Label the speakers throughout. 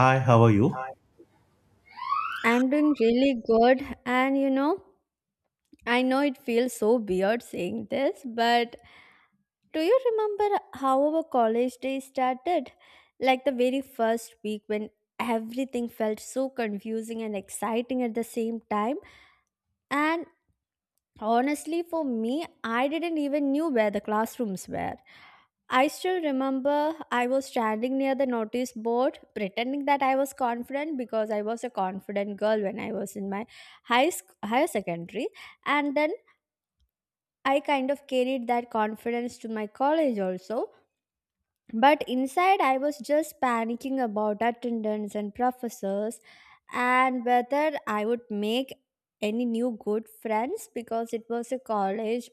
Speaker 1: Hi, how are you?
Speaker 2: I'm doing really good, and you know, I know it feels so weird saying this, but do you remember how our college day started? Like the very first week when everything felt so confusing and exciting at the same time, and honestly, for me, I didn't even knew where the classrooms were. I still remember I was standing near the notice board pretending that I was confident because I was a confident girl when I was in my higher secondary, and then I kind of carried that confidence to my college also, but inside I was just panicking about attendance and professors and whether I would make any new good friends because it was a college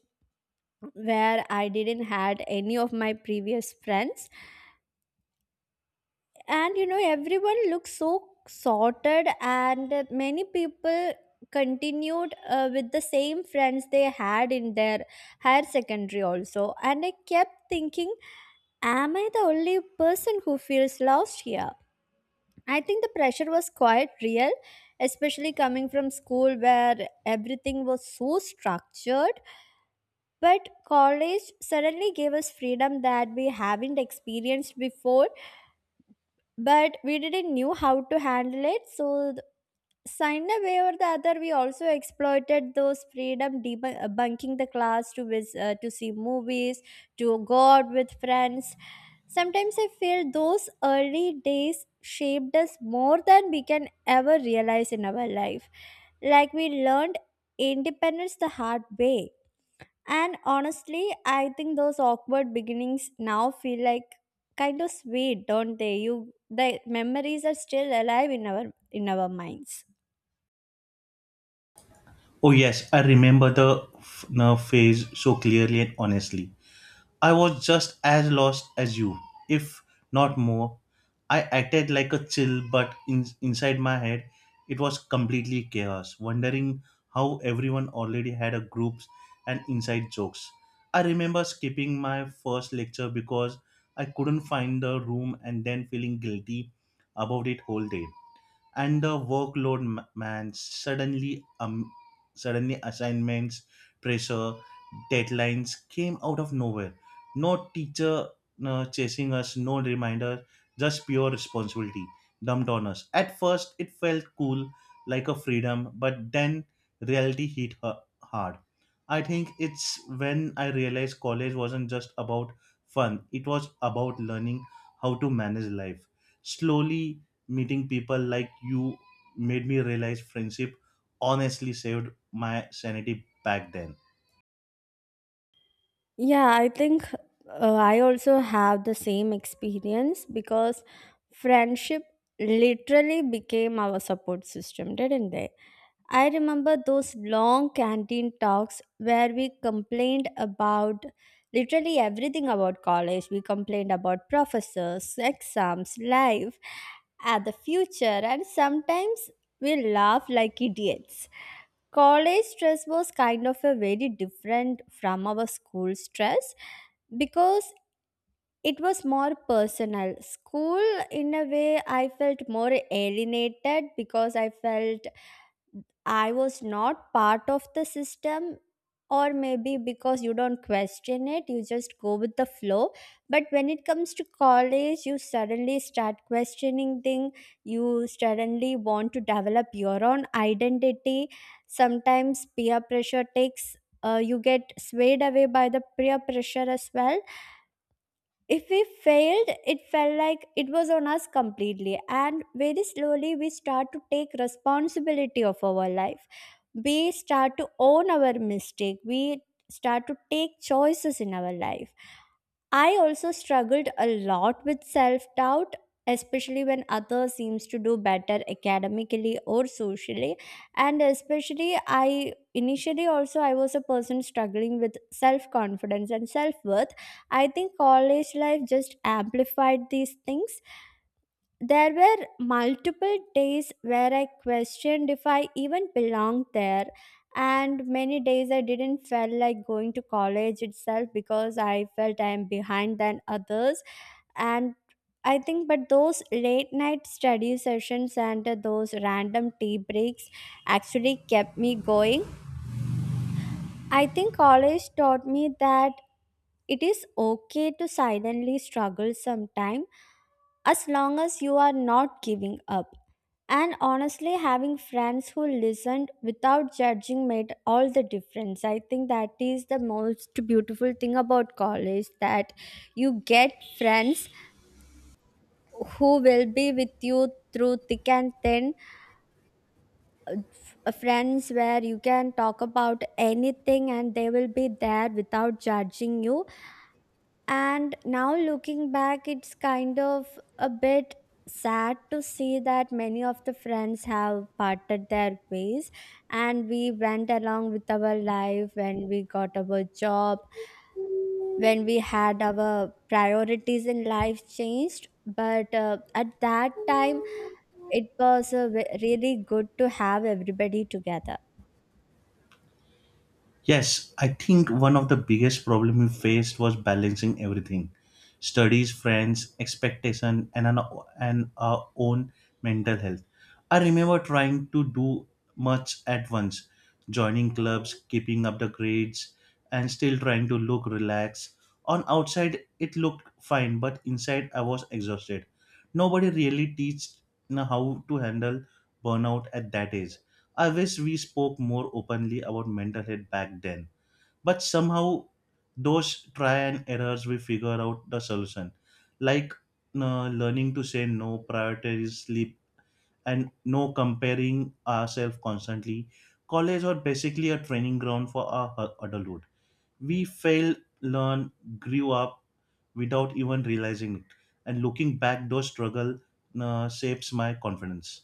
Speaker 2: where I didn't had any of my previous friends. And you know, everyone looked so sorted, and many people continued with the same friends they had in their higher secondary also. And I kept thinking, am I the only person who feels lost here? I think the pressure was quite real, especially coming from school where everything was so structured. But college suddenly gave us freedom that we haven't experienced before, but we didn't knew how to handle it. So some way or the other, we also exploited those freedom, debunking the class to to see movies, to go out with friends. Sometimes I feel those early days shaped us more than we can ever realize in our life. Like we learned independence the hard way. And honestly, I think those awkward beginnings now feel like kind of sweet, don't they? You the memories are still alive in our minds.
Speaker 1: Oh, yes, I remember the nerve phase so clearly and honestly. I was just as lost as you, if not more. I acted like a chill, but inside my head, it was completely chaos, wondering how everyone already had a groups and inside jokes. I remember skipping my first lecture because I couldn't find the room and then feeling guilty about it whole day. And the workload man suddenly suddenly assignments, pressure, deadlines came out of nowhere. No teacher chasing us, no reminder, just pure responsibility dumped on us. At first it felt cool, like a freedom, but then reality hit her hard. I think it's when I realized college wasn't just about fun, it was about learning how to manage life. Slowly meeting people like you made me realize friendship honestly saved my sanity back then.
Speaker 2: Yeah, I think I also have the same experience because friendship literally became our support system, didn't they? I remember those long canteen talks where we complained about literally everything about college. We complained about professors, exams, life, and the future, and sometimes we laughed like idiots. College stress was kind of a very different from our school stress because it was more personal. School, in a way, I felt more alienated because I felt I was not part of the system, or maybe because you don't question it, you just go with the flow. But when it comes to college, you suddenly start questioning things, you suddenly want to develop your own identity. Sometimes peer pressure takes you get swayed away by the peer pressure as well. If we failed, it felt like it was on us completely, and very slowly we start to take responsibility of our life, we start to own our mistake, we start to take choices in our life. I also struggled a lot with self doubt, especially when others seems to do better academically or socially. And especially I initially also I was a person struggling with self confidence and self worth. I think college life just amplified these things. There were multiple days where I questioned if I even belonged there, and many days I didn't feel like going to college itself because I felt I am behind than others. And I think, but those late night study sessions and those random tea breaks actually kept me going. I think college taught me that it is okay to silently struggle sometime, as long as you are not giving up. And honestly, having friends who listened without judging made all the difference. I think that is the most beautiful thing about college, that you get friends who will be with you through thick and thin, friends where you can talk about anything and they will be there without judging you. And now looking back, it's kind of a bit sad to see that many of the friends have parted their ways, and we went along with our life when we got our job, when we had our priorities in life changed. But at that time it was a really good to have everybody together.
Speaker 1: Yes, I think one of the biggest problem we faced was balancing everything. Studies, friends, expectation and our own mental health. I remember trying to do much at once, joining clubs, keeping up the grades and still trying to look relaxed. On outside it looked fine, but inside I was exhausted. Nobody really teaches how to handle burnout at that age. I wish we spoke more openly about mental health back then. But somehow, those try and errors, we figure out the solution. Like learning to say no, prioritize sleep, and no comparing ourselves constantly. College was basically a training ground for our adulthood. We failed, learned, grew up without even realizing it. And looking back, those struggle shapes my confidence.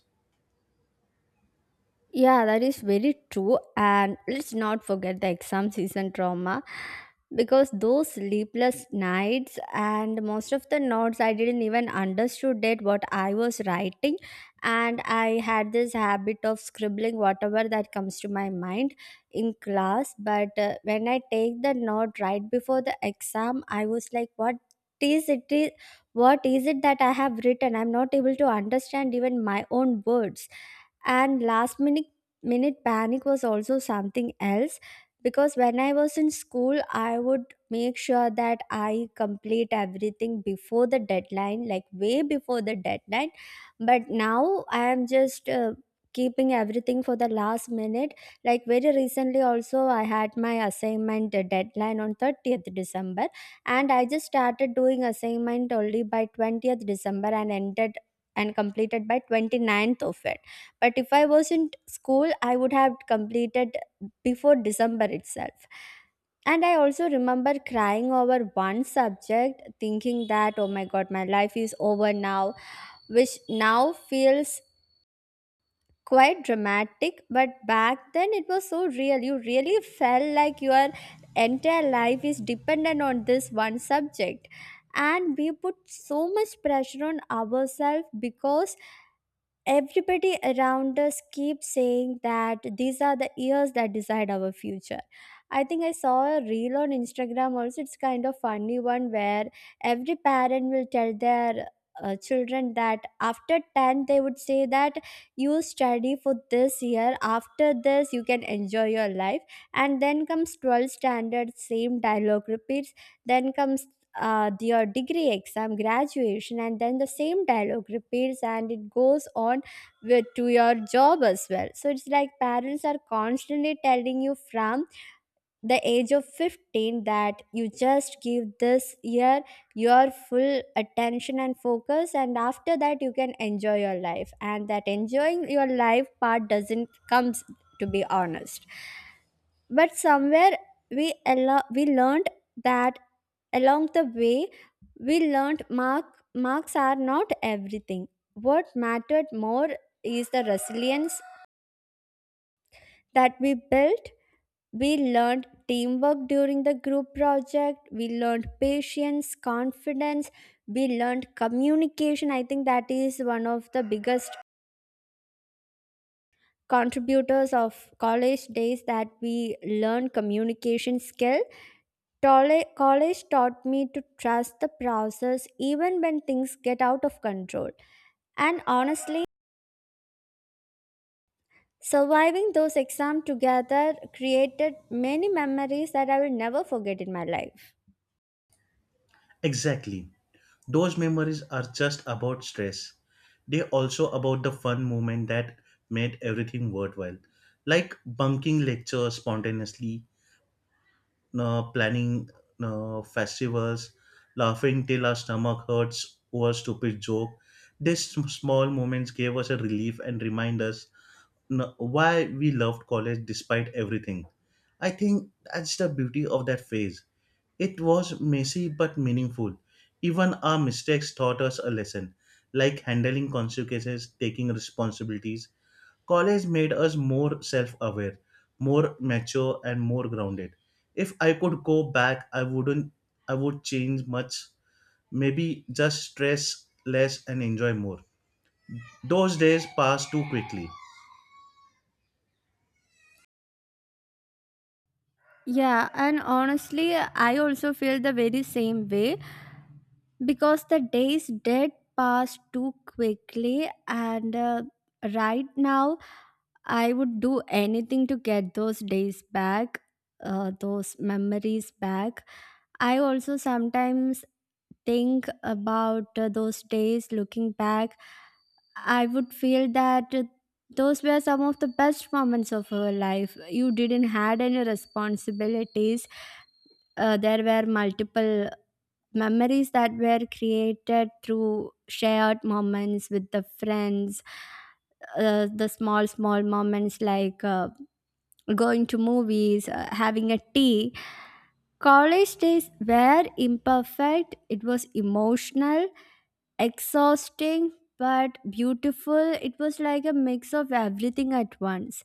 Speaker 2: Yeah, that is very true. And let's not forget the exam season trauma, because those sleepless nights and most of the notes I didn't even understood it what I was writing, and I had this habit of scribbling whatever that comes to my mind in class. But when I take the note right before the exam, I was like, what is it is, what is it that I have written? I'm not able to understand even my own words. And last minute panic was also something else, because when I was in school I would make sure that I complete everything before the deadline, like way before the deadline. But now I am just keeping everything for the last minute. Like very recently also I had my assignment deadline on 30th December, and I just started doing assignment only by 20th December and ended and completed by 29th of it. But if I was in school I would have completed before December itself. And I also remember crying over one subject thinking that, oh my god, my life is over now, which now feels quite dramatic, but back then it was so real. You really felt like your entire life is dependent on this one subject, and we put so much pressure on ourselves because everybody around us keeps saying that these are the years that decide our future. I think I saw a reel on Instagram also, it's kind of funny one, where every parent will tell their children that after 10 they would say that you study for this year, after this you can enjoy your life. And then comes 12 standard, same dialogue repeats. Then comes your degree exam, graduation, and then the same dialogue repeats, and it goes on with, to your job as well. So it's like parents are constantly telling you from the age of 15 that you just give this year your full attention and focus, and after that you can enjoy your life, and that enjoying your life part doesn't comes, to be honest. But somewhere we we learned that along the way. We learned marks are not everything. What mattered more is the resilience that we built. We learned teamwork during the group project, we learned patience, confidence, we learned communication. I think that is one of the biggest contributors of college days, that we learn communication skill. College taught me to trust the process even when things get out of control. And honestly, surviving those exams together created many memories that I will never forget in my life.
Speaker 1: Exactly. Those memories are just about stress. They also about the fun moment that made everything worthwhile. Like bunking lectures spontaneously, planning festivals, laughing till our stomach hurts over stupid joke. These small moments gave us a relief and remind us why we loved college despite everything. I think that's the beauty of that phase. It was messy but meaningful. Even our mistakes taught us a lesson, like handling consequences, taking responsibilities. College made us more self aware, more mature, and more grounded. If I could go back, I wouldn't, I would change much. Maybe just stress less and enjoy more. Those days pass too quickly.
Speaker 2: Yeah, and honestly, I also feel the very same way because the days did pass too quickly, and right now, I would do anything to get those days back, those memories back. I also sometimes think about those days looking back. I would feel that those were some of the best moments of our life. You didn't had any responsibilities. There were multiple memories that were created through shared moments with the friends. The small small moments like going to movies, having a tea. College days were imperfect, it was emotional, exhausting, but beautiful. It was like a mix of everything at once.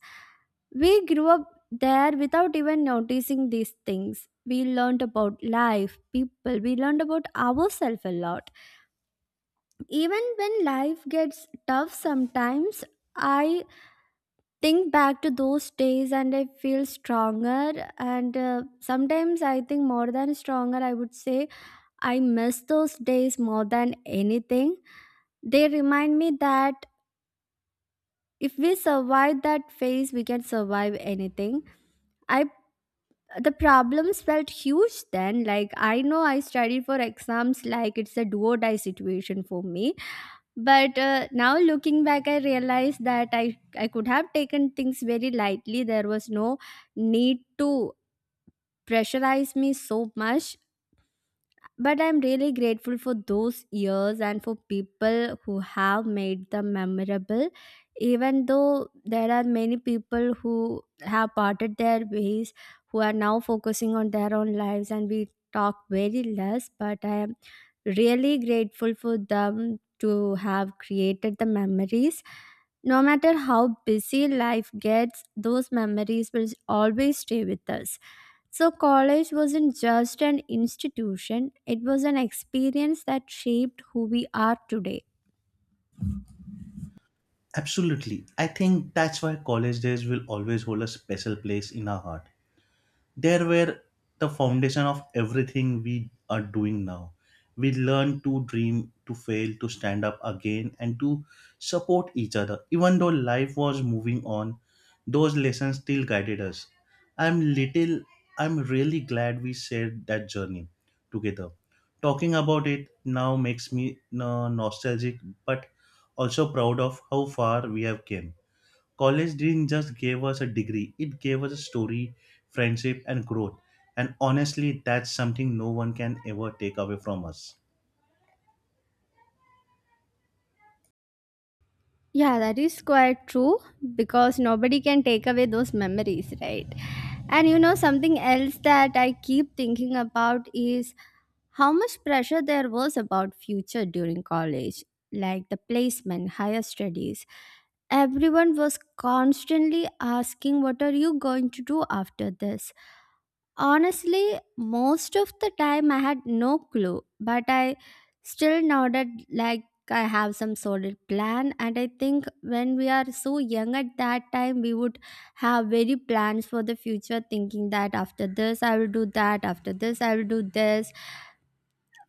Speaker 2: We grew up there without even noticing these things. We learned about life, people, we learned about ourselves a lot. Even when life gets tough sometimes, I think back to those days and I feel stronger. And sometimes I think more than stronger, I would say I miss those days more than anything. They remind me that if we survive that phase, we can survive anything. I the problems felt huge then. Like I know I studied for exams like it's a do or die situation for me. But now looking back, I realized that I could have taken things very lightly. There was no need to pressurize me so much. But I'm really grateful for those years and for people who have made them memorable. Even though there are many people who have parted their ways, who are now focusing on their own lives, and we talk very less, but I am really grateful for them to have created the memories. No matter how busy life gets, those memories will always stay with us. So, college wasn't just an institution, it was an experience that shaped who we are today.
Speaker 1: Absolutely. I think that's why college days will always hold a special place in our heart. There were the foundation of everything we are doing now. We learn to dream, to fail, to stand up again, and to support each other. Even though life was moving on, those lessons still guided us. I'm little, I'm really glad we shared that journey together. Talking about it now makes me nostalgic, but also proud of how far we have came. College didn't just give us a degree, it gave us a story, friendship, and growth. And honestly, that's something no one can ever take away from us.
Speaker 2: Yeah, that is quite true, because nobody can take away those memories, right? And you know, something else that I keep thinking about is how much pressure there was about future during college, like the placement, higher studies. Everyone was constantly asking, what are you going to do after this? Honestly, most of the time I had no clue, but I still nodded like I have some solid plan. And I think when we are so young at that time, we would have very plans for the future, thinking that after this, I will do that, after this, I will do this.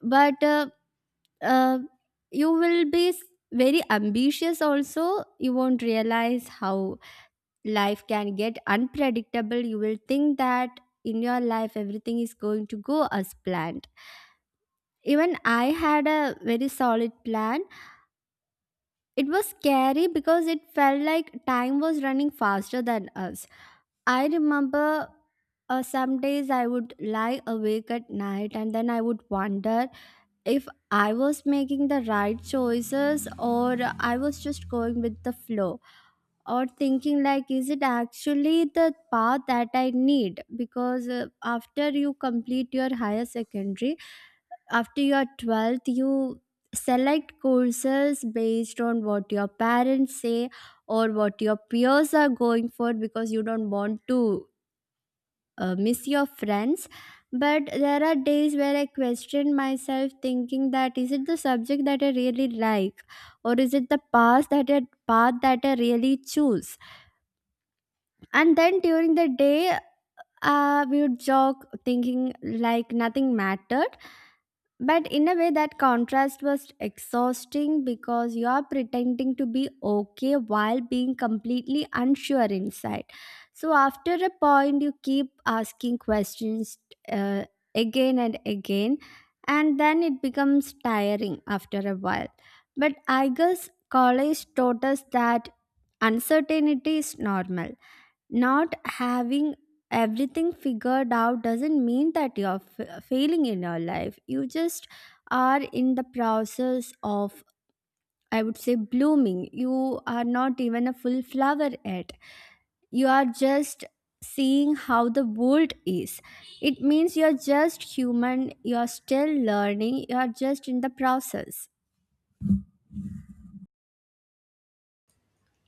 Speaker 2: But uh, you will be s- Very ambitious also. You won't realize how life can get unpredictable. You will think that in your life everything is going to go as planned. Even I had a very solid plan. It was scary because it felt like time was running faster than us. I remember some days I would lie awake at night, and then I would wonder if I was making the right choices, or I was just going with the flow, or thinking like is it actually the path that I need. Because after you complete your higher secondary, after your 12th, you select courses based on what your parents say or what your peers are going for, because you don't want to miss your friends. But there are days where I question myself, thinking that is it the subject that I really like, or is it the path that I path that I really choose. And then during the day, we would jog, thinking like nothing mattered. But in a way, that contrast was exhausting because you are pretending to be okay while being completely unsure inside. So after a point, you keep asking questions uh, again and again, and then it becomes tiring after a while. But I guess college taught us that uncertainty is normal. Not having everything figured out doesn't mean that failing in your life. You just are in the process of, I would say, blooming. You are not even a full flower yet. You are just seeing how the world is. It means you're just human, you're still learning, you're just in the process.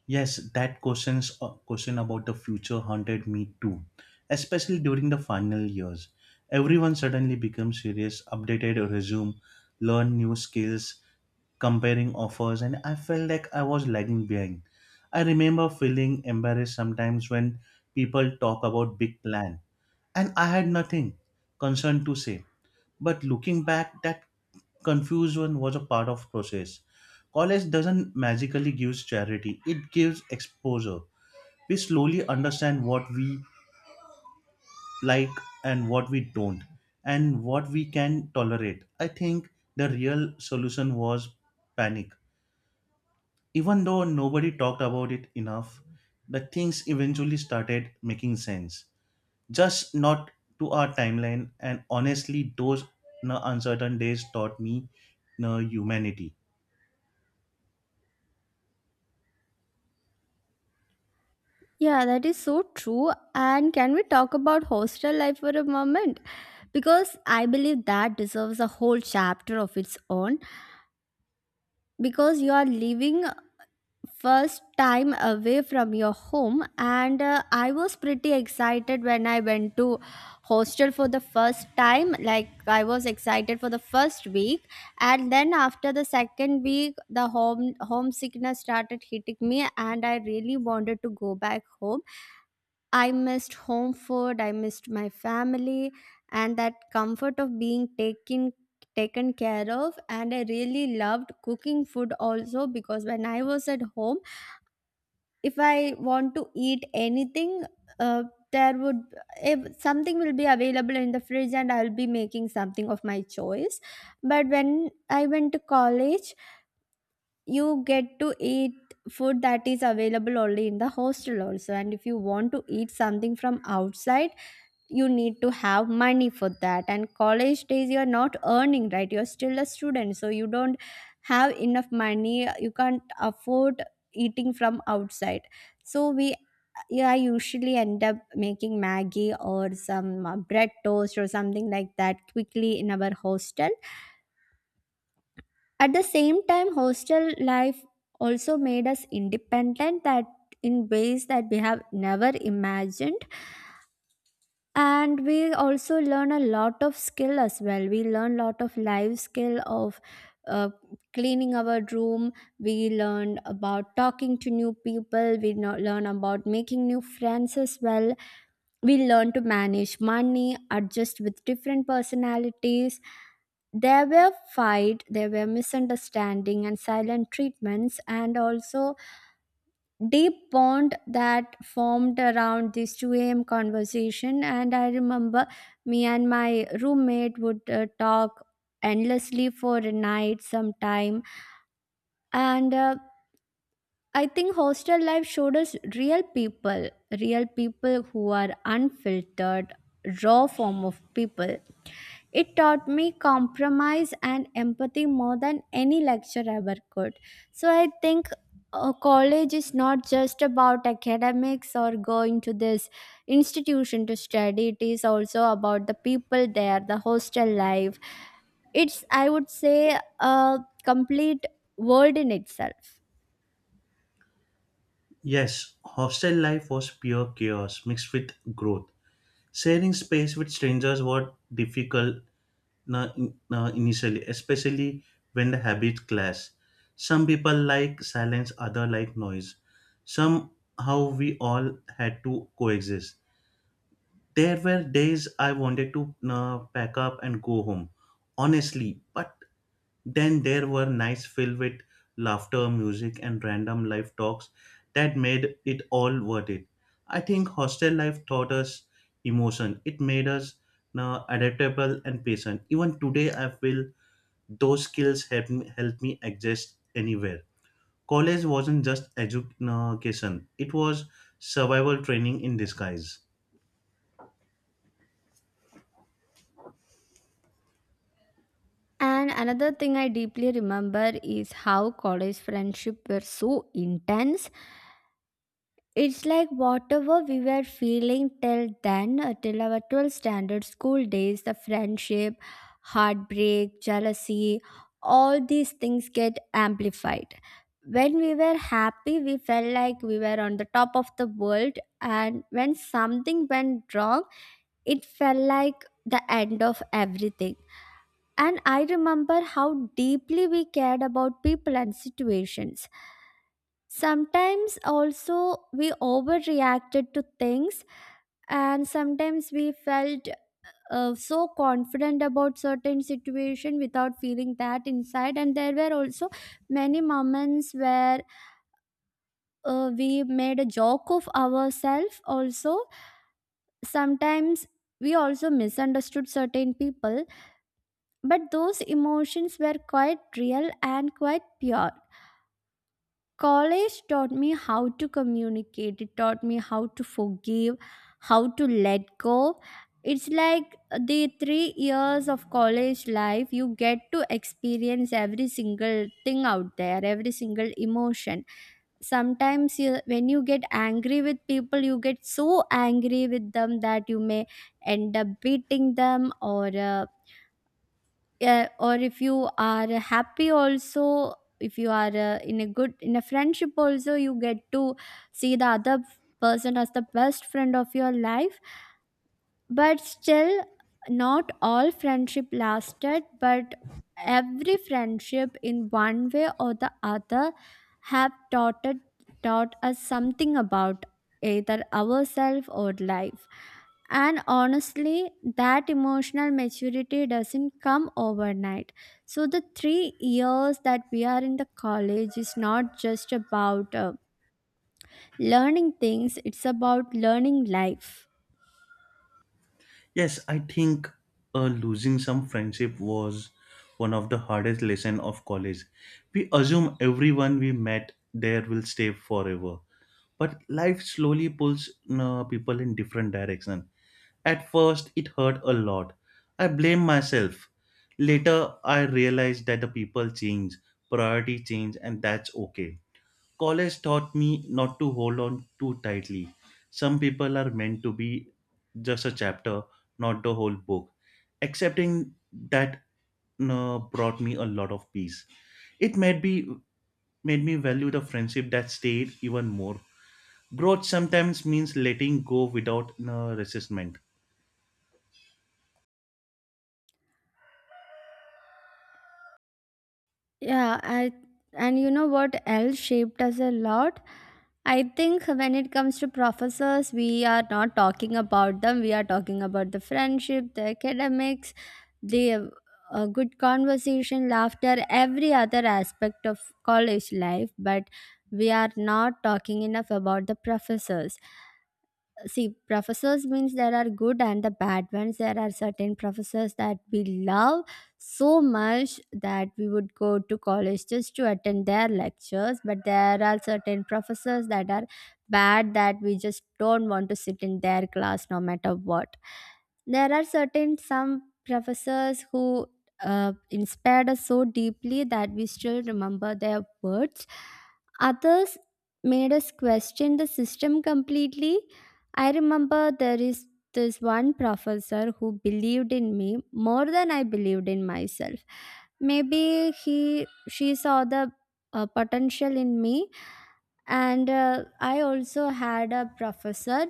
Speaker 1: Yes, that question about the future haunted me too, especially during the final years. Everyone suddenly becomes serious, updated a resume, learn new skills, comparing offers, and I felt like I was lagging behind. I remember feeling embarrassed sometimes when people talk about big plan and I had nothing concerned to say. But looking back, that confusion was a part of process. College doesn't magically give charity; it gives exposure. We slowly understand what we like and what we don't, and what we can tolerate. I think the real solution was panic. Even though nobody talked about it enough, the things eventually started making sense. Just not to our timeline. And honestly, those no, uncertain days taught me no, humanity.
Speaker 2: Yeah, that is so true. And can we talk about hostel life for a moment? Because I believe that deserves a whole chapter of its own. Because you are living first time away from your home, and I was pretty excited when I went to hostel for the first time. Like I was excited for the first week, and then after the second week, the homesickness started hitting me, and I really wanted to go back home. I missed home food, I missed my family, and that comfort of being taken care of. And I really loved cooking food also, because when I was at home, if I want to eat anything, uh, there would if something will be available in the fridge, and I'll be making something of my choice. But when I went to college, you get to eat food that is available only in the hostel also. And if you want to eat something from outside, you need to have money for that. And college days, you are not earning, right? You're still a student, so you don't have enough money, you can't afford eating from outside. So we Yeah, I usually end up making Maggie or some bread toast or something like that quickly in our hostel. At the same time, hostel life also made us independent, that in ways that we have never imagined. And we also learn a lot of skill as well. We learn lot of life skill of uh, cleaning our room. We learn about talking to new people, we learn about making new friends as well. We learn to manage money, adjust with different personalities. There were fight, there were misunderstanding and silent treatments, and also deep bond that formed around this 2 a.m. conversation. And I remember me and my roommate would talk endlessly for a night sometime. And I think hostel life showed us real people who are unfiltered, raw form of people. It taught me compromise and empathy more than any lecture ever could. So I think college is not just about academics or going to this institution to study, it is also about the people there, the hostel life. It's, I would say, a complete world in itself.
Speaker 1: Yes, hostel life was pure chaos mixed with growth. Sharing space with strangers was difficult no, initially, especially when the habits clash. Some people like silence, other like noise. Somehow we all had to coexist. There were days I wanted to no, pack up and go home honestly. But then there were nights filled with laughter, music, and random life talks that made it all worth it. I think hostel life taught us emotion. It made us adaptable and patient. Even today, I feel those skills help me adjust anywhere. College wasn't just education; it was survival training in disguise.
Speaker 2: And another thing I deeply remember is how college friendship were so intense. It's like whatever we were feeling till then, till our 12th standard school days, the friendship, heartbreak, jealousy, all these things get amplified. When we were happy, we felt like we were on the top of the world. And when something went wrong, it felt like the end of everything. And I remember how deeply we cared about people and situations. Sometimes also we overreacted to things, and sometimes we felt so confident about certain situation without feeling that inside. And there were also many moments where we made a joke of ourselves. Also, sometimes we also misunderstood certain people. But those emotions were quite real and quite pure. College taught me how to communicate, it taught me how to forgive, how to let go. It's like the 3 years of college life, you get to experience every single thing out there, every single emotion. Sometimes, you, when you get angry with people, you get so angry with them that you may end up beating them, or yeah, or if you are happy also, if you are in a good in a friendship also, you get to see the other person as the best friend of your life. But still, not all friendship lasted, but every friendship in one way or the other have taught us something about either ourselves or life. And honestly, that emotional maturity doesn't come overnight. So the 3 years that we are in the college is not just about learning things, it's about learning life.
Speaker 1: Yes, I think losing some friendship was one of the hardest lesson of college. We assume everyone we met there will stay forever, but life slowly pulls people in different direction. At first, it hurt a lot. I blame myself. Later, I realized that the people change, priority change, and that's okay. College taught me not to hold on too tightly. Some people are meant to be just a chapter, not the whole book. Accepting that brought me a lot of peace. It made me value the friendship that stayed even more. Growth sometimes means letting go without resistment.
Speaker 2: Yeah, and you know what else shaped us a lot? I think when it comes to professors, we are not talking about them. We are talking about the friendship, the academics, the good conversation, laughter, every other aspect of college life. But we are not talking enough about the professors. See, professors means there are good and the bad ones. There are certain professors that we love so much that we would go to college just to attend their lectures. But there are certain professors that are bad, that we just don't want to sit in their class no matter what. There are certain some professors who inspired us so deeply that we still remember their words. Others made us question the system completely. I remember there is this one professor who believed in me more than I believed in myself. Maybe he she saw the potential in me. And I also had a professor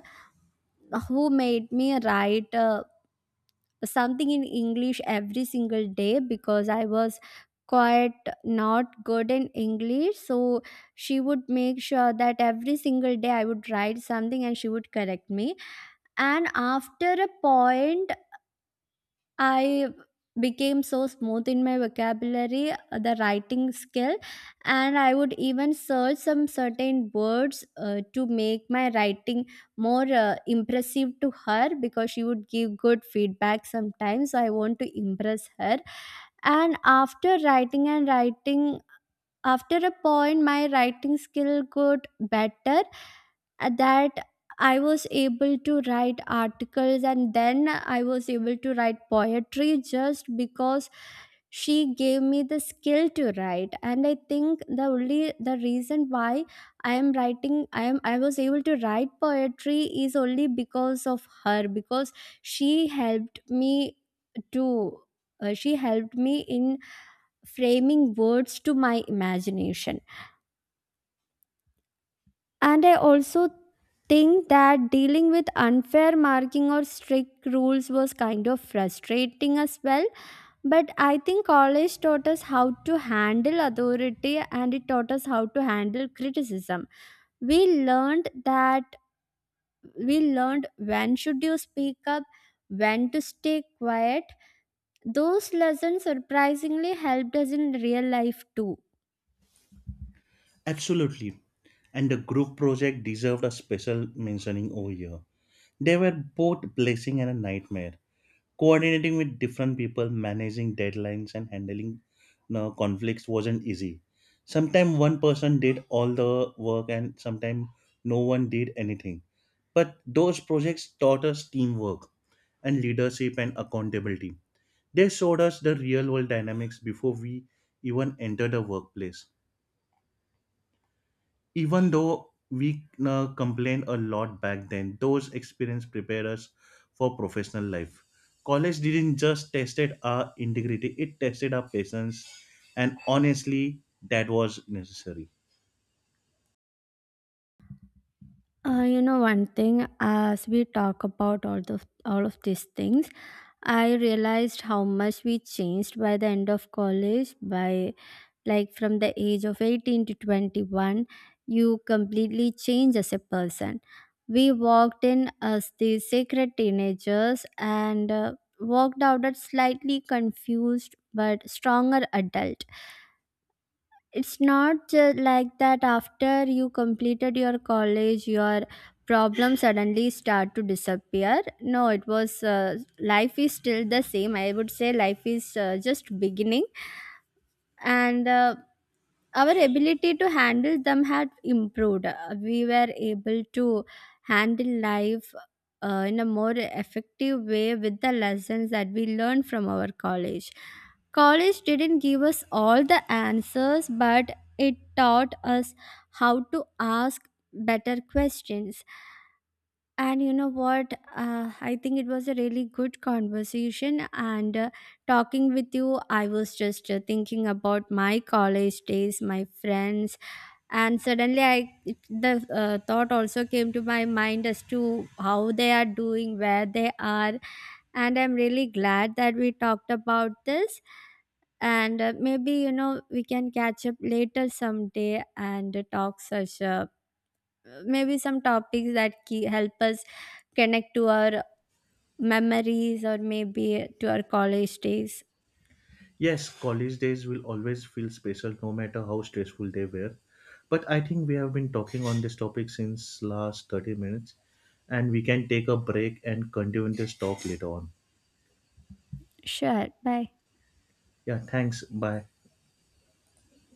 Speaker 2: who made me write something in English every single day, because I was quite not good in English. So she would make sure that every single day I would write something and she would correct me. And after a point, I became so smooth in my vocabulary, the writing skill. And I would even search some certain words to make my writing more impressive to her, because she would give good feedback sometimes, so I want to impress her. And after writing and writing, after a point my writing skill got better, that I was able to write articles, and then I was able to write poetry just because she gave me the skill to write. And I think the reason why I am writing I am I was able to write poetry is only because of her. Because she helped me to she helped me in framing words to my imagination. And I also think that dealing with unfair marking or strict rules was kind of frustrating as well. But I think college taught us how to handle authority, and it taught us how to handle criticism. We learned that we learned when should you speak up, when to stay quiet. Those lessons surprisingly helped us in real life too.
Speaker 1: Absolutely. And the group project deserved a special mentioning over here. They were both blessing and a nightmare, coordinating with different people, managing deadlines, and handling, you know, conflicts wasn't easy. Sometimes one person did all the work, and sometimes no one did anything. But those projects taught us teamwork and leadership and accountability. They showed us the real world dynamics before we even enter the workplace. Even though we complained a lot back then, those experience prepare us for professional life. College didn't just tested our integrity, it tested our patience, and honestly, that was necessary.
Speaker 2: You know, one thing, as we talk about all of these things, I realized how much we changed by the end of college. By Like from the age of 18 to 21, you completely change as a person. We walked in as the sacred teenagers, and walked out as slightly confused but stronger adult. It's not ju- Like that after you completed your college, your problems suddenly start to disappear? No, it was life is still the same. I would say life is just beginning. And our ability to handle them had improved. We were able to handle life in a more effective way with the lessons that we learned from our college. College didn't give us all the answers, but it taught us how to ask better questions. And you know what? I think it was a really good conversation. And talking with you, I was just thinking about my college days, my friends, and suddenly I it- the thought also came to my mind as to how they are doing, where they are, and I'm really glad that we talked about this. And maybe, you know, we can catch up later someday and talk such maybe some topics that key help us connect to our memories, or maybe to our college days.
Speaker 1: Yes, college days will always feel special no matter how stressful they were, but I think we have been talking on this topic since last 30 minutes, and we can take a break and continue this talk later on.
Speaker 2: Sure. Bye.
Speaker 1: Yeah, thanks. Bye.